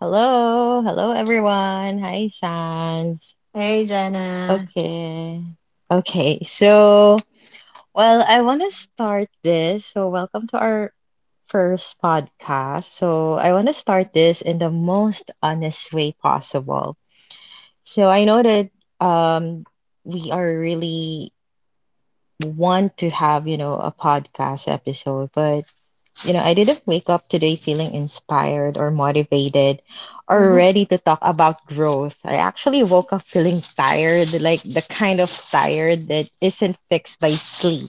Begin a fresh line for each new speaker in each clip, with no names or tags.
Hello, hello everyone. Hi, Sans.
Hey, Jenna.
Okay. Okay, so, I want to start this. Welcome to our first podcast. I want to start this in the most honest way possible. So, I know that um we are really want to have, you know, a podcast episode, but you know, I didn't wake up today feeling inspired or motivated or
Mhm.
ready to talk about growth. I actually woke up feeling tired, like the kind of tired that isn't fixed by sleep.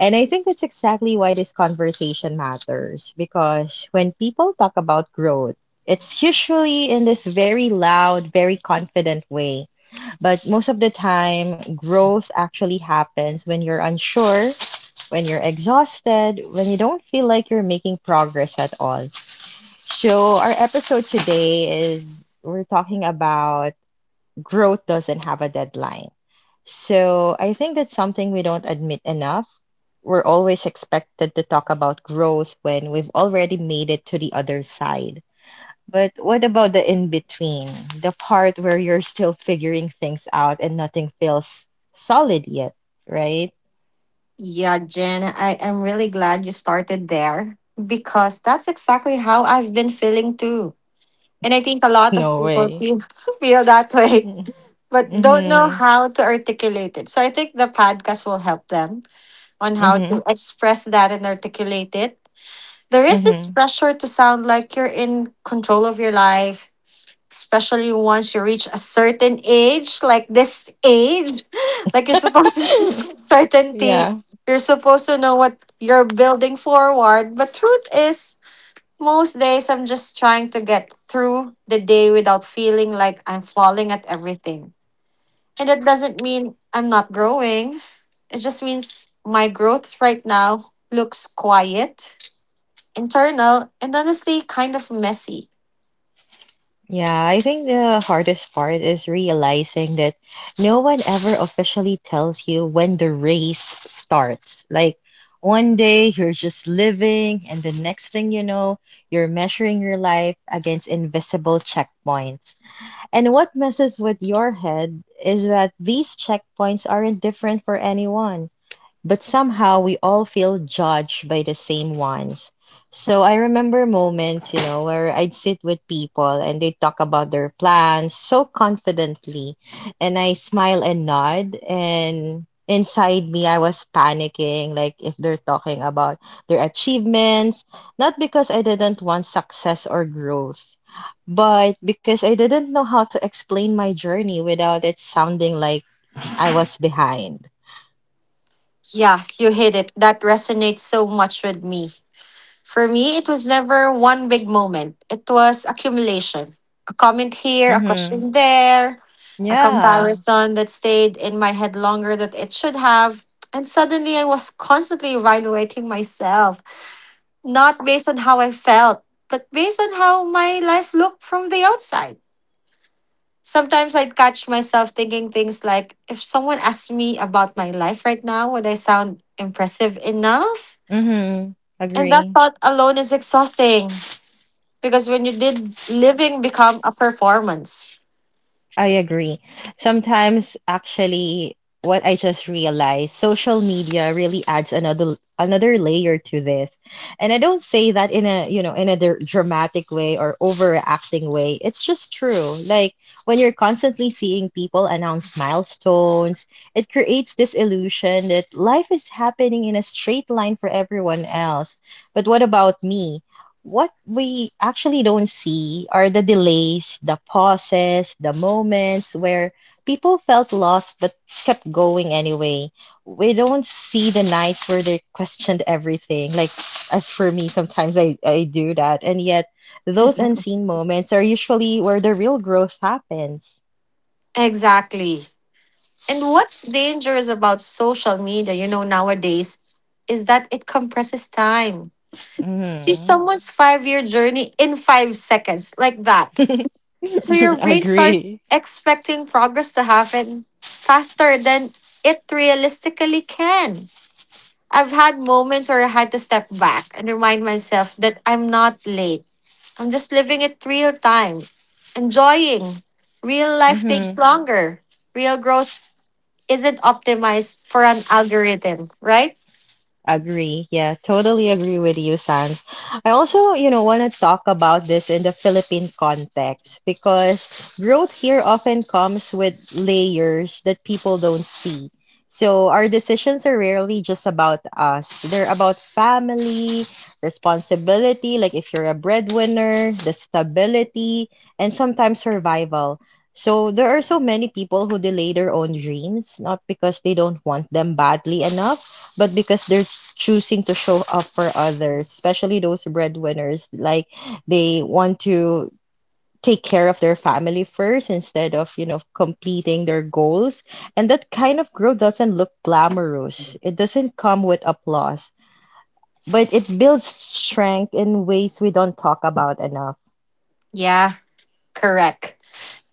And I think that's exactly why this conversation matters because when people talk about growth, it's usually in this very loud, very confident way. But most of the time, growth actually happens when you're unsure, when you're exhausted, when you don't feel like you're making progress at all. So, our episode today is we're talking about growth doesn't have a deadline. So, I think that's something we don't admit enough. We're always expected to talk about growth when we've already made it to the other side. But what about the in between, the part where you're still figuring things out and nothing feels solid yet, right?
Yeah, Jen, I am really glad you started there because that's exactly how I've been feeling too. And I think a lot of
No
people
way.
feel, feel that way,
Mm-hmm.
but don't know
Mm-hmm.
how to articulate it. So I think the podcast will help them on how to express that and articulate it. There is this
Mm-hmm.
pressure to sound like you're in control of your life, especially once you reach a certain age, like this age, like you're supposed to speak with certainty.
Yeah.
You're supposed to know what you're building forward. But truth is, most days I'm just trying to get through the day without feeling like I'm falling at everything. And that doesn't mean I'm not growing. It just means my growth right now looks quiet, internal, and honestly kind of messy.
Yeah, I think the hardest part is realizing that no one ever officially tells you when the race starts. Like one day you're just living, and the next thing you know, you're measuring your life against invisible checkpoints. And what messes with your head is that these checkpoints aren't different for anyone but somehow we all feel judged by the same ones. So I remember moments, you know, where I'd sit with people and they talk about their plans so confidently, and I smile and nod, and inside me I was panicking, like if they're talking about their achievements, not because I didn't want success or growth, but because I didn't know how to explain my journey without it sounding like I was behind.
Yeah, you hit it. That resonates so much with me. For me, it was never one big moment, it was accumulation. A comment here, a
Mm-hmm.
question there, a
Yeah.
comparison that stayed in my head longer than it should have. And suddenly I was constantly evaluating myself, not based on how I felt, but based on how my life looked from the outside. Sometimes I'd catch myself thinking things like, if someone asked me about my life right now, would I sound impressive enough?
Mm-hmm.
And that
Agree.
thought alone is exhausting because when you did living become a performance.
I agree. Sometimes, actually, what I just realized, social media really adds another layer to this. And I don't say that in a, you know, in a dramatic way or overacting way. It's just true. Like when you're constantly seeing people announce milestones, it creates this illusion that life is happening in a straight line for everyone else. But what about me? What we actually don't see are the delays, the pauses, the moments where people felt lost but kept going anyway. We don't see the nights where they questioned everything. Like, as for me, sometimes I do that. And yet, those unseen moments are usually where the real growth happens.
Exactly. And what's dangerous about social media, nowadays is that it compresses time. See
Hmm.
someone's 5-year journey in 5 seconds, like that. So your brain starts
Agree.
expecting progress to happen faster than it realistically can. I've had moments where I had to step back and remind myself that I'm not late. I'm just living it real time, enjoying. Real life takes
Mm-hmm.
longer. Real growth isn't optimized for an algorithm, right?
Agree. Yeah, totally agree with you, Sans. I also, you know, want to talk about this in the Philippine context because growth here often comes with layers that people don't see. So our decisions are rarely just about us. They're about family, responsibility, like if you're a breadwinner, the stability, and sometimes survival. So there are so many people who delay their own dreams, not because they don't want them badly enough, but because their choosing to show up for others, especially those breadwinners. Like they want to take care of their family first instead of, you know, completing their goals. And that kind of growth doesn't look glamorous, it doesn't come with applause, but it builds strength in ways we don't talk about enough.
Yeah, correct.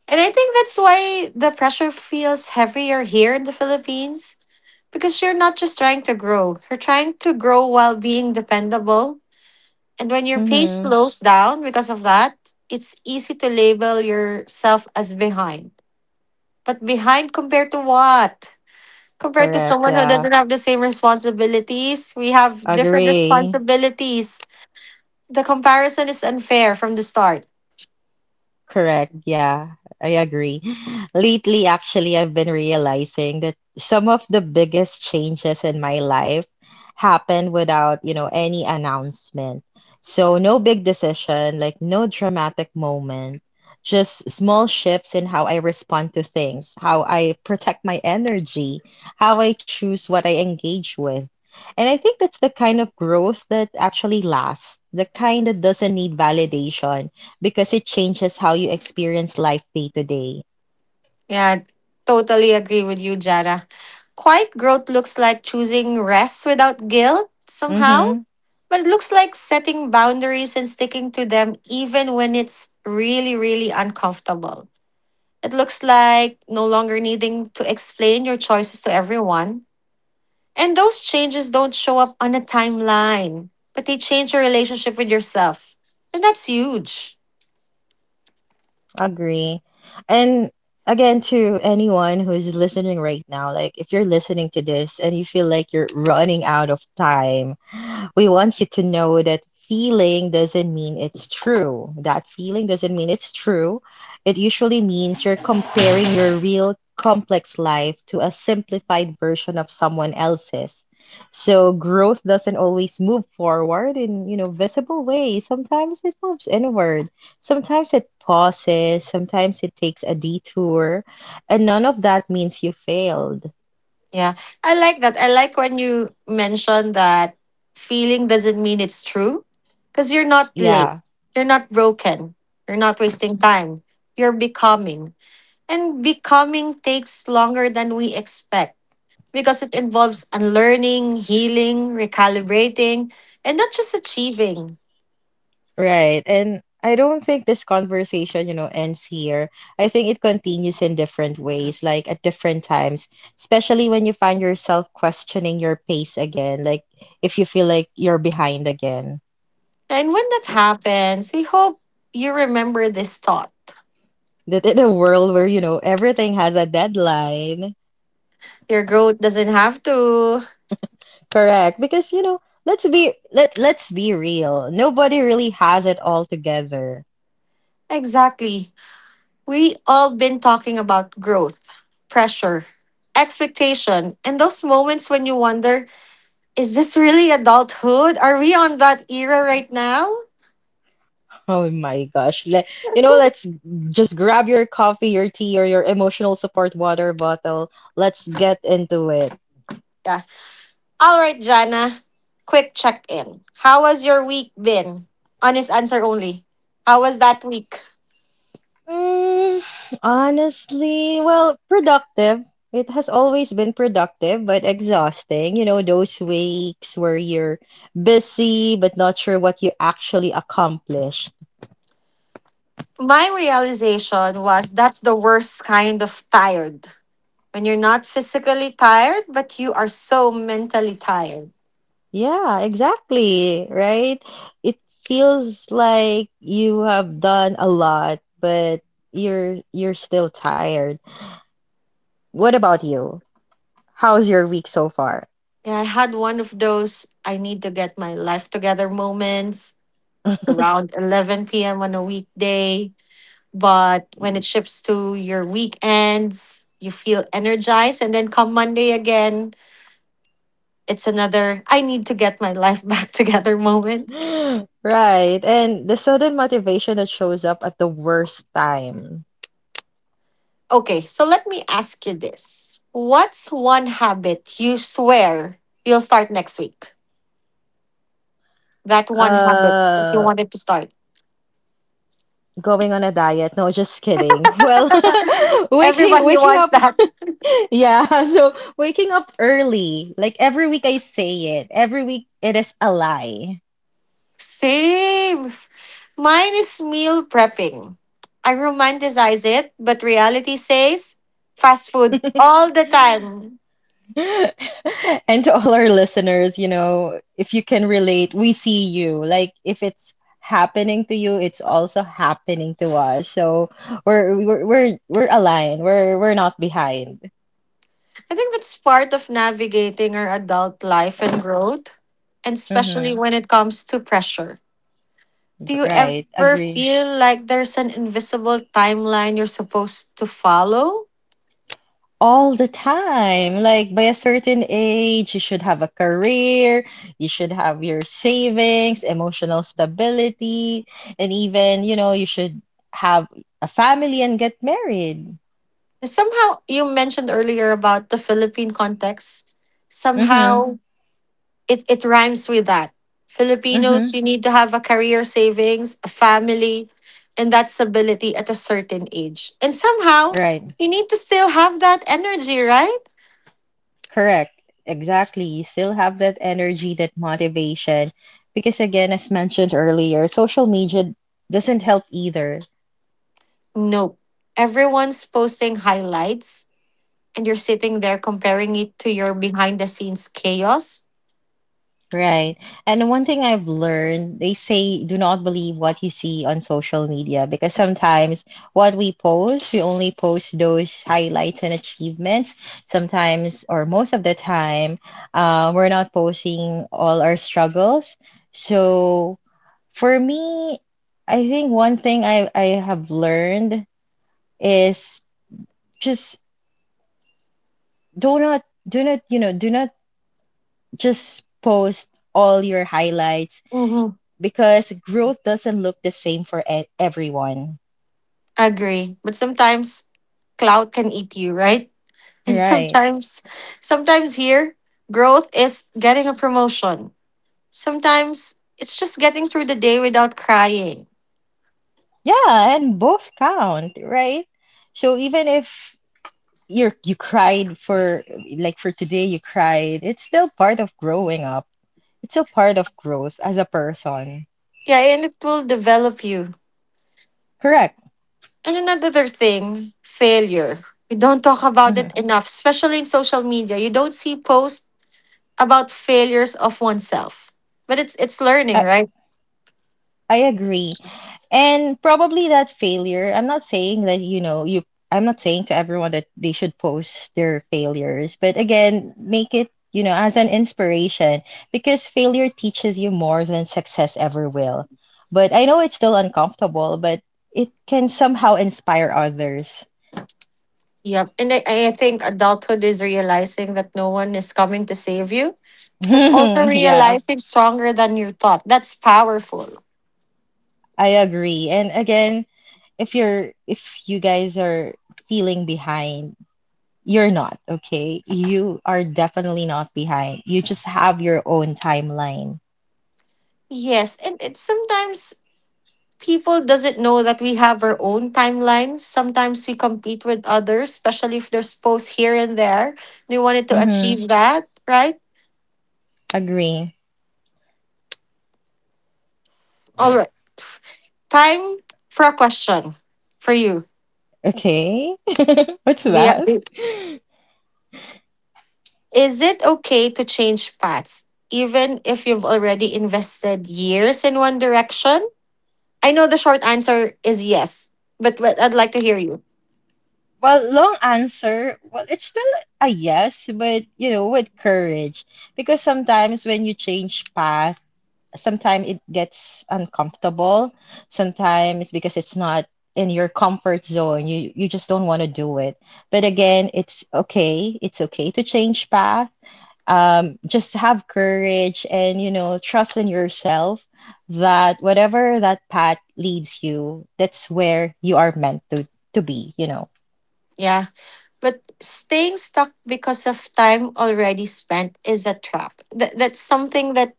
And I think that's why the pressure feels heavier here in the Philippines. Because you're not just trying to grow, you're trying to grow while being dependable. And when your pace
Mm-hmm.
slows down because of that, it's easy to label yourself as behind. But behind compared to what? Compared to
Correct.
someone who
Yeah.
doesn't have the same responsibilities, we have different
Agree.
responsibilities. The comparison is unfair from the start.
Correct. Yeah, I agree. Lately, actually, I've been realizing that some of the biggest changes in my life happened without, you know, any announcement. So, no big decision, like no dramatic moment, just small shifts in how I respond to things, how I protect my energy, how I choose what I engage with. And I think that's the kind of growth that actually lasts, the kind that doesn't need validation because it changes how you experience life day to day.
Yeah, totally agree with you, Jada. Quiet growth looks like choosing rest without guilt somehow.
Mm-hmm.
But it looks like setting boundaries and sticking to them even when it's really, really uncomfortable. It looks like no longer needing to explain your choices to everyone. And those changes don't show up on a timeline, but they change your relationship with yourself. And that's huge.
Agree. And again, to anyone who is listening right now, like if you're listening to this and you feel like you're running out of time, we want you to know that feeling doesn't mean it's true. That feeling doesn't mean it's true. It usually means you're comparing your real complex life to a simplified version of someone else's. So growth doesn't always move forward in, you know, visible ways. Sometimes it moves inward. Sometimes it pauses, sometimes it takes a detour, and none of that means you failed.
Yeah, I like that. I like when you mention that feeling doesn't mean it's true because you're not late,
Yeah.
you're not broken, you're not wasting time, you're becoming. And becoming takes longer than we expect because it involves unlearning, healing, recalibrating, and not just achieving.
Right. And I don't think this conversation, you know, ends here. I think it continues in different ways, like at different times, especially when you find yourself questioning your pace again, like if you feel like you're behind again.
And when that happens, we hope you remember this thought.
That in a world where, you know, everything has a deadline.
Your growth doesn't have to.
Correct. Because, you know, let's be real. Nobody really has it all together.
Exactly. We all been talking about growth, pressure, expectation, and those moments when you wonder, is this really adulthood? Are we on that era right now?
Oh my gosh. Let's just grab your coffee, your tea, or your emotional support water bottle. Let's get into it.
Yeah, all right, Jana. Quick check in. How has your week been? Honest answer only. How was that week?
Mm, honestly, well, productive. It has always been productive, but exhausting. You know, those weeks where you're busy but not sure what you actually accomplished.
My realization was that's the worst kind of tired. When you're not physically tired, but you are so mentally tired.
Yeah, exactly, right? It feels like you have done a lot, but you're still tired. What about you? How's your week so far?
Yeah, I had one of those I need to get my life together moments around 11 p.m. on a weekday. But when it shifts to your weekends, you feel energized. And then come Monday again, it's another I need to get my life back together moments.
Right. And the sudden motivation that shows up at the worst time.
Okay, so let me ask you this. What's one habit you swear you'll start next week? That one habit that you
Uh,
wanted to start.
Going on a diet. No, just kidding. Well, waking
Everybody
waking
wants
up.
that.
Yeah, so waking up early. Like every week I say it. Every week it is a lie.
Same. Mine is meal prepping. I romanticize it, but reality says fast food all the time.
And to all our listeners, you know, if you can relate, we see you. Like if it's happening to you, it's also happening to us. So we're aligned. We're not behind.
I think that's part of navigating our adult life and growth, and especially
Mm-hmm.
when it comes to pressure. Do you
Right.
ever
Agree.
feel like there's an invisible timeline you're supposed to follow?
All the time. Like by a certain age, you should have a career, you should have your savings, emotional stability, and even, you know, you should have a family and get married.
And somehow, you mentioned earlier about the Philippine context.
Mm-hmm.
Somehow, it rhymes with that. Filipinos,
Mm-hmm.
you need to have a career savings, a family, and that stability at a certain age. And somehow,
Right.
you need to still have that energy, right?
Correct. Exactly. You still have that energy, that motivation. Because again, as mentioned earlier, social media doesn't help either.
Nope. Everyone's posting highlights and you're sitting there comparing it to your behind the scenes chaos.
Right. And one thing I've learned, they say do not believe what you see on social media because sometimes what we post, we only post those highlights and achievements. Sometimes, or most of the time, we're not posting all our struggles. So for me, I think one thing I have learned is just do not just post all your highlights
Mm-hmm.
because growth doesn't look the same for everyone.
Agree. But sometimes clout can eat you, right? And
Right.
sometimes, sometimes here, growth is getting a promotion. Sometimes it's just getting through the day without crying.
Yeah, and both count, right? So even if you cried for for today you cried, it's still part of growing up. It's still part of growth as a person.
Yeah, and it will develop you.
Correct.
And another thing, failure. We don't talk about
Hmm.
it enough, especially in social media. You don't see posts about failures of oneself. But it's learning, right?
I agree. And probably that failure, I'm not saying that, you know, you I'm not saying to everyone that they should post their failures, but again, make it, you know, as an inspiration because failure teaches you more than success ever will. But I know it's still uncomfortable, but it can somehow inspire others.
Yep. And I think adulthood is realizing that no one is coming to save you, but also
Yeah,
realizing stronger than you thought. That's powerful.
I agree. And again, if you're if you guys are feeling behind, you're not, okay? You are definitely not behind. You just have your own timeline.
Yes. And it sometimes people doesn't know that we have our own timeline. Sometimes we compete with others, especially if there's posts here and there. We wanted to
Mm-hmm.
achieve that, right?
Agree.
All right. Time for a question for you.
Okay. What's
Do
that?
you, Is it okay to change paths, even if you've already invested years in one direction? I know the short answer is yes, but I'd like to hear you.
Well, long answer. Well, it's still a yes, but you know, with courage. Because sometimes when you change path, sometimes it gets uncomfortable. Sometimes because it's not in your comfort zone, you just don't want to do it. But again, it's okay. It's okay to change path, just have courage, and you know, trust in yourself that whatever that path leads you, that's where you are meant to be, you know.
Yeah. But staying stuck because of time already spent is a trap. That's something that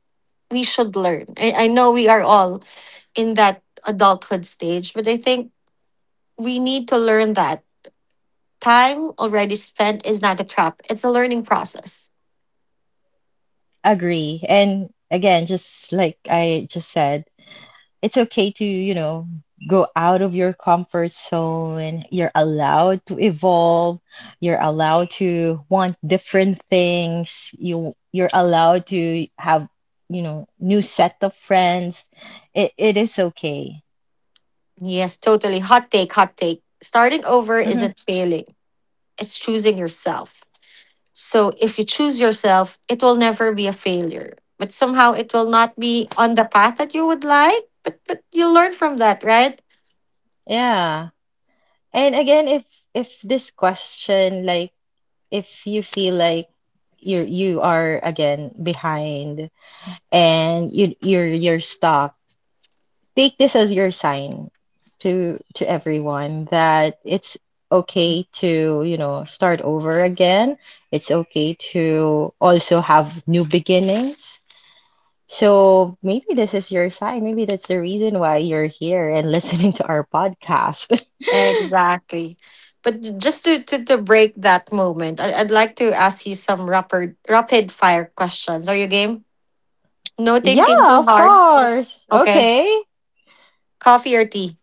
we should learn. I know we are all in that adulthood stage, but I think we need to learn that time already spent is not a trap, it's a learning process.
Agree. And again, just like I just said, it's okay to, you know, go out of your comfort zone. You're allowed to evolve, you're allowed to want different things, you're allowed to have, you know, new set of friends. It is okay.
Yes, totally. Hot take, hot take. Starting over
Mhm.
isn't failing, it's choosing yourself. So if you choose yourself, it will never be a failure. But somehow it will not be on the path that you would like, but you learn from that, right?
Yeah. And again, if this question, like if you feel like you are again behind and you're stuck, take this as your sign to everyone that it's okay to, you know, start over again. It's okay to also have new beginnings. So maybe this is your sign. Maybe that's the reason why you're here and listening to our podcast.
Exactly. But just to, to break that moment, I'd like to ask you some rapid, rapid fire questions. Are you game? No
Yeah,
thinking too
of
hard.
course.
Okay.
Okay.
Coffee or tea?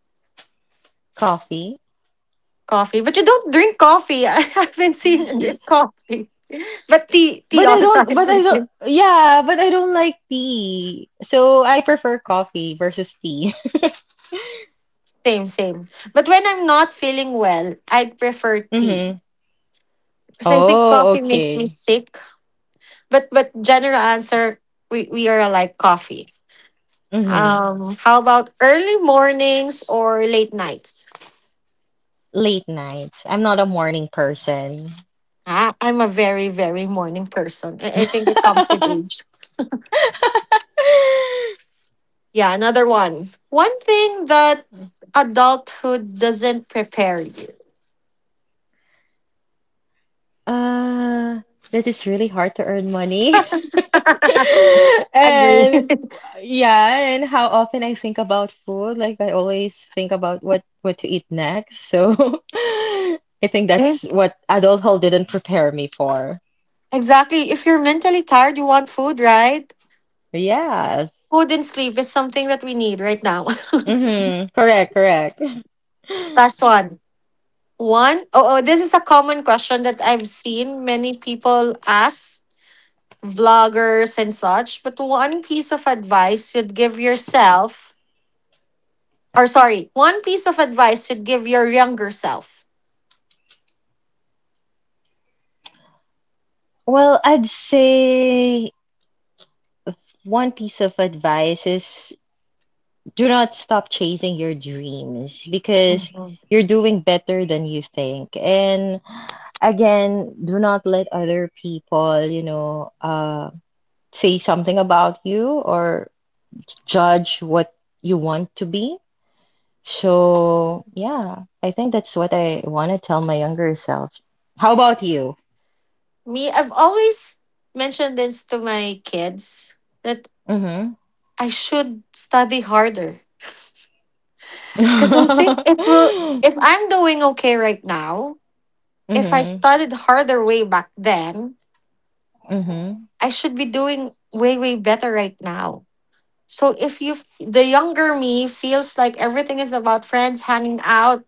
Coffee.
Coffee. But you don't drink coffee. I haven't seen you
Y-
drink coffee. But tea, tea also. I'm with
But I don't like tea. So I prefer coffee versus tea.
same, same. But when I'm not feeling well, I'd prefer tea.
Mm-hmm.
Because I think
Oh,
coffee makes me
okay.
sick. But general answer, we are like coffee.
Mm-hmm.
How about early mornings or late nights?
Late nights. I'm not a morning person.
Ah, I'm a very, very morning person. I think it comes with age. Yeah, another one. One thing that adulthood doesn't prepare you.
Uh, that is really hard to earn money.
Agree.
And yeah, and how often I think about food, like I always think about what to eat next. So I think that's what adulthood didn't prepare me for.
Exactly. If you're mentally tired, you want food, right?
Yes.
Food and sleep is something that we need right now.
Mm-hmm. Correct, correct.
Last one. One. Oh, oh, this is a common question that I've seen many people ask vloggers and such. But one piece of advice you'd give yourself, or sorry, one piece of advice you'd give your younger self.
Well, I'd say one piece of advice is do not stop chasing your dreams because
Mhm.
you're doing better than you think. And again, do not let other people, say something about you or judge what you want to be. So, yeah, I think that's what I want to tell my younger self. How about you?
Me, I've always mentioned this to my kids that
Mm-hmm.
I should study harder. Because I think it will, if I'm doing okay right now, if I
Mm-hmm.
studied harder way back then,
Mm-hmm.
I should be doing way, way better right now. So if you, the younger me feels like everything is about friends hanging out,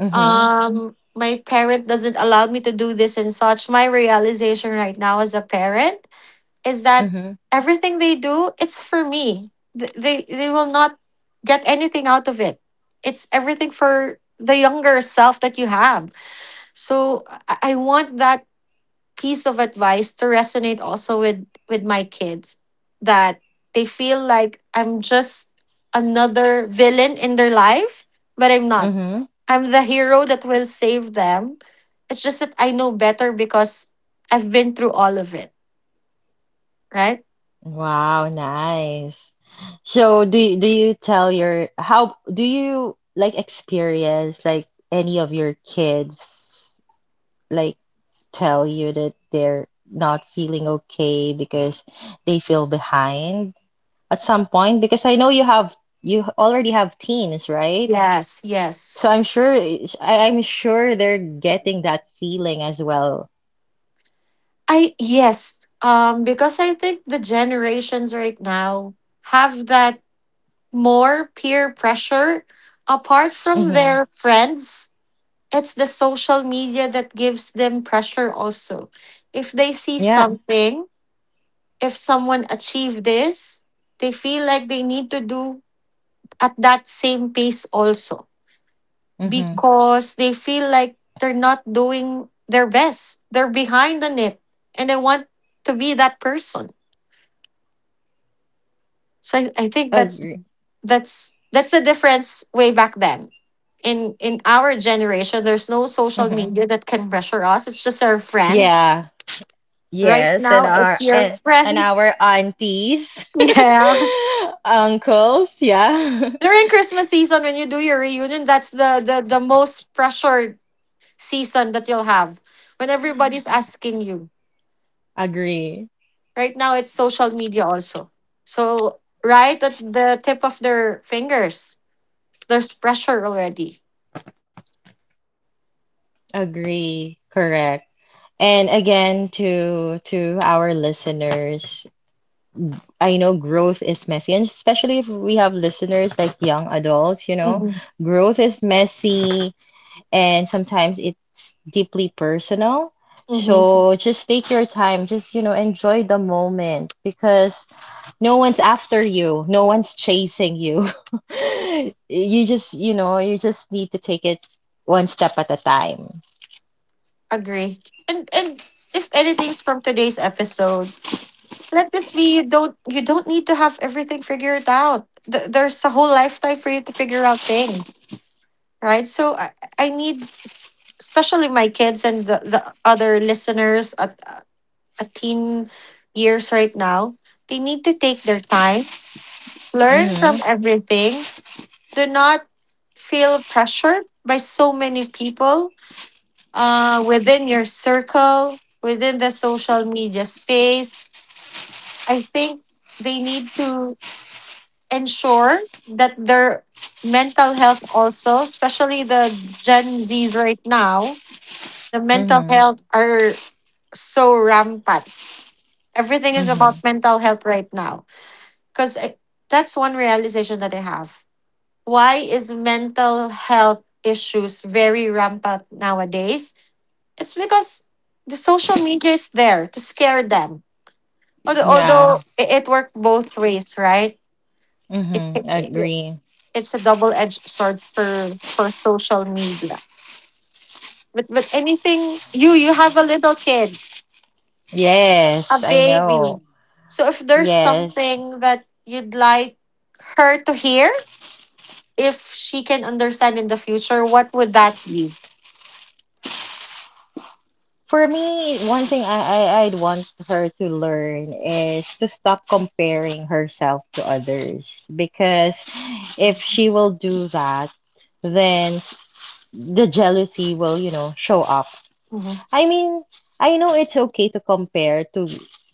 Mm-hmm.
my parent doesn't allow me to do this and such, my realization right now as a parent is that
Mm-hmm.
everything they do it's for me. They will not get anything out of it, it's everything for the younger self that you have. So I want that piece of advice to resonate also with my kids that they feel like I'm just another villain in their life, but I'm not.
Mm-hmm.
I'm the hero that will save them. It's just that I know better because I've been through all of it, right?
Wow, nice. So do you tell your how do you like experience like any of your kids like tell you that they're not feeling okay because they feel behind at some point? Because I know you have you already have teens, right?
Yes, yes.
So I'm sure I'm sure they're getting that feeling as well.
Because I think the generations right now have that more peer pressure apart from
Mm-hmm.
their friends. It's the social media that gives them pressure also. If they see
Yeah.
something, if someone achieved this, they feel like they need to do at that same pace also
Mm-hmm.
because they feel like they're not doing their best. They're behind on it and they want to be that person. So I think that's
Agree.
that's the difference way back then. In our generation, there's no social
Mm-hmm.
media that can pressure us. It's just our friends.
Yeah.
Right
Yes,
now, it's your
and
friends.
our aunties,
Yeah.
uncles, yeah.
During Christmas season, when you do your reunion, that's the most pressured season that you'll have. When everybody's asking you.
Agree.
Right now it's social media also. So right at the tip of their fingers, there's pressure already.
Agree. Correct. And again, to our listeners, I know growth is messy, and especially if we have listeners like young adults, you
Mm-hmm.
know, growth is messy and sometimes it's deeply personal. So just take your time, just you know, enjoy the moment because no one's after you. No one's chasing you. You just, you know, you just need to take it one step at a time.
Agree. And if anything's from today's episode, let this be you don't need to have everything figured out. There's a whole lifetime for you to figure out things, right? So I need especially my kids and the other listeners at teen years right now, they need to take their time, learn from
Mm-hmm.
everything. Do not feel pressured by so many people within your circle, within the social media space. I think they need to ensure that their mental health also, especially the Gen Zs right now, the mental
Mm-hmm.
health are so rampant. Everything is
Mm-hmm.
about mental health right now. Because that's one realization that I have. Why is mental health issues very rampant nowadays? It's because the social media is there to scare them. Although,
Yeah.
although it worked both ways, right? It,
Mm-hmm.
Yeah.
Agree.
It's a double-edged sword for social media. But anything you have a little kid, a
Yes, I
baby.
know.
So if there's
Yes.
something that you'd like her to hear, if she can understand in the future, what would that be?
For me, one thing I'd want her to learn is to stop comparing herself to others because if she will do that, then s- the jealousy will, you know, show up.
Mm-hmm.
I mean, I know it's okay to compare to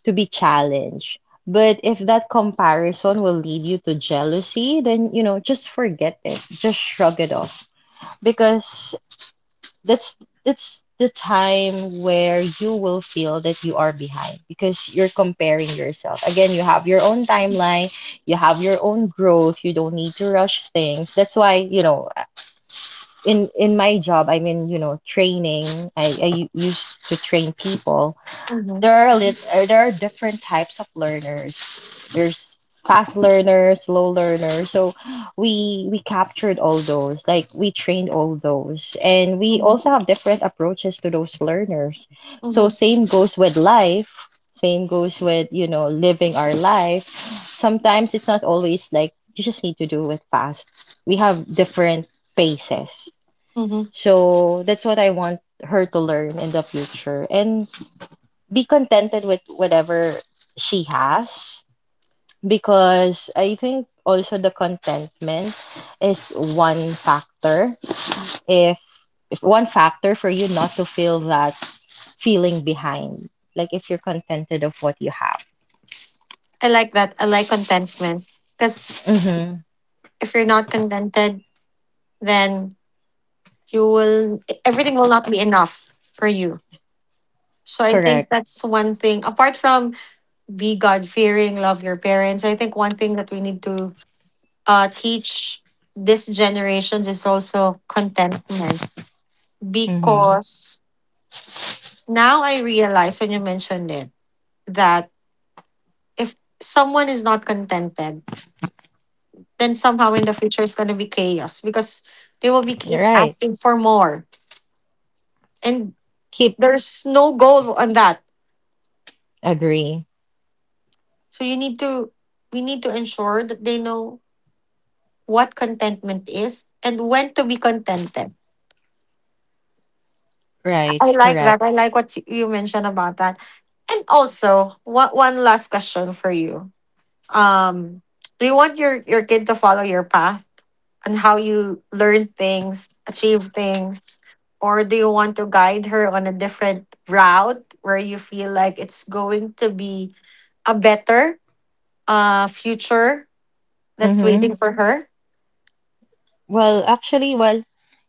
be challenged, but if that comparison will lead you to jealousy, then you know, just forget it. Just shrug it off because that's that's the time where you will feel that you are behind because you're comparing yourself. Again, you have your own timeline, you have your own growth, you don't need to rush things. That's why, you know, in my job, I mean, you know, training. Used to train people,
Mm-hmm.
there are lit there are different types of learners. There's fast learners, slow learners. So we captured all those, like we trained all those, and we
Mm-hmm.
also have different approaches to those learners. So
Mm-hmm.
same goes with life. Same goes with, you know, living our life. Sometimes it's not always like you just need to do it fast. We have different paces. So that's what I want her to learn in the future. And be contented with whatever she has because I think also the contentment is one factor if if one factor for you not to feel that feeling behind, like if you're contented of what you have.
I like that. I like contentment because
Mm-hmm.
if you're not contented, then you will everything will not be enough for you. So I think
Correct.
that's one thing. Apart from be God fearing, love your parents. I think one thing that we need to teach this generations is also contentment
Mm-hmm.
because now I realize when you mentioned it that if someone is not contented, then somehow in the future it's going to be chaos because they will be
You're
keep
right.
asking for more and
Keep.
there's no goal on that.
Agree.
So you need to we need to ensure that they know what contentment is and when to be contented.
Right.
I like
Correct.
that. I like what you mentioned about that. And also, one last question for you. Um, do you want your kid to follow your path on how you learn things, achieve things, or do you want to guide her on a different route where you feel like it's going to be a better future that's
Mm-hmm.
waiting for her?
Well, actually, well,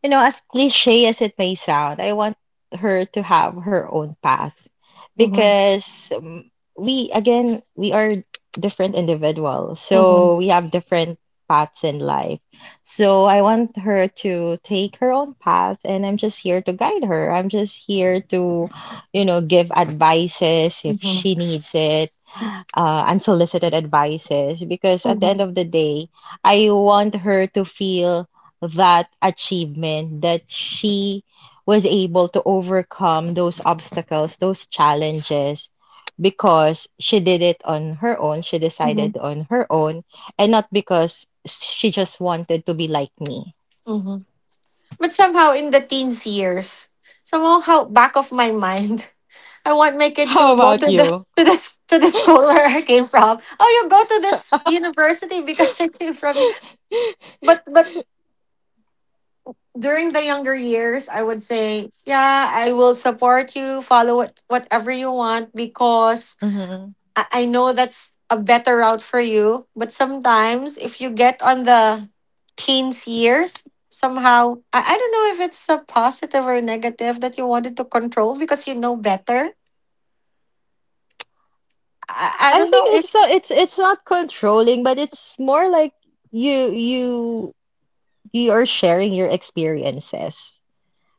you know, as cliche as it may sound, I want her to have her own path
Mm-hmm.
because we, again, we are different individuals.
Mm-hmm.
So we have different paths in life. So I want her to take her own path, and I'm just here to guide her. I'm just here to, you know, give advices if
Mm-hmm.
she needs it, unsolicited advices because at the end
Mm-hmm.
of the day, I want her to feel that achievement that she was able to overcome those obstacles, those challenges, because she did it on her own. She
Mm-hmm.
decided on her own, and not because she just wanted to be like me.
Mm-hmm. But somehow in the teens years, somehow back of my mind, I want my kid
How
to go
about you?
to the school where I came from. Oh, you go to this university because I came from you. But during the younger years, I would say, yeah, I will support you. Follow whatever you want because
Hmm.
I know that's a better route for you, but sometimes if you get on the teens years, somehow, I don't know if it's a positive or negative that you wanted to control because you know better. I
I
don't
think
know if
it's it's not controlling, but it's more like you you are sharing your experiences.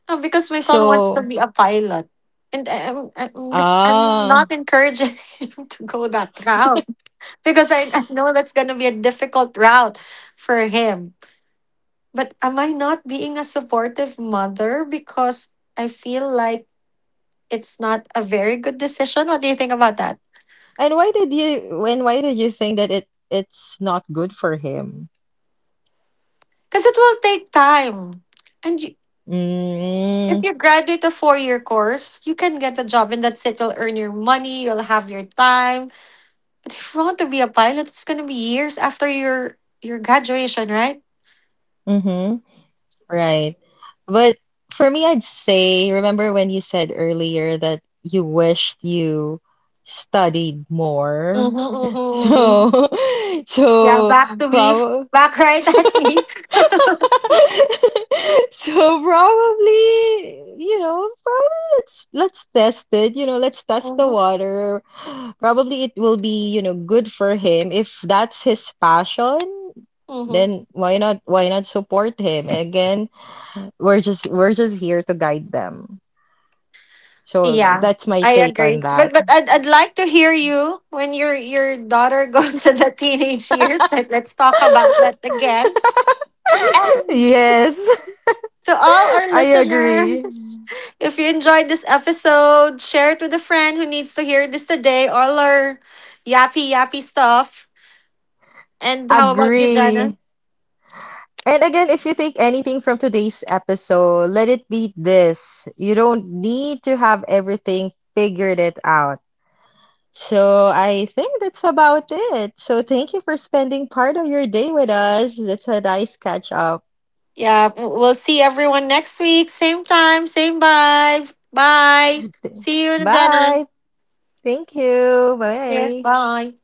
because my son wants to
So,
be a pilot. And I'm
ah,
not encouraging him to go that route because I know that's going to be a difficult route for him. But am I not being a supportive mother because I feel like it's not a very good decision. What do you think about that?
and why did you when why did you think that it's not good for him?
Because it will take time. And you, if
Mm,
you graduate a 4-year course, you can get a job, and that's it. You'll earn your money, you'll have your time. But if you want to be a pilot, it's going to be years after your graduation, right?
mm-hmm, right. But for me, I'd say, remember when you said earlier that you wished you studied more?
Mm-hmm, mm-hmm, mm-hmm.
So,
Yeah,
so
back to beef.
probably
Back right at me.
so probably, you know, probably let's test it. You know, let's test the
mm-hmm,
water. Probably it will be, you know, good for him. If that's his passion, then why not support him? Again, we're just here to guide them. So
Yeah,
that's my
I
take on
agree. But
that.
but I'd like to hear you when your daughter goes to the teenage years. Let's talk about that again. And
Yes,
to all our
I agree.
listeners, if you enjoyed this episode, share it with a friend who needs to hear this today. All our yappy yappy stuff. And how about you, Jana?
Agree. And again, if you take anything from today's episode, let it be this. You don't need to have everything figured it out. So I think that's about it. So thank you for spending part of your day with us. That's a nice catch up.
Yeah, we'll see everyone next week. Same time, same vibe. Bye. See you, Jana.
Bye. Thank you.
Yeah.
Bye.
Bye.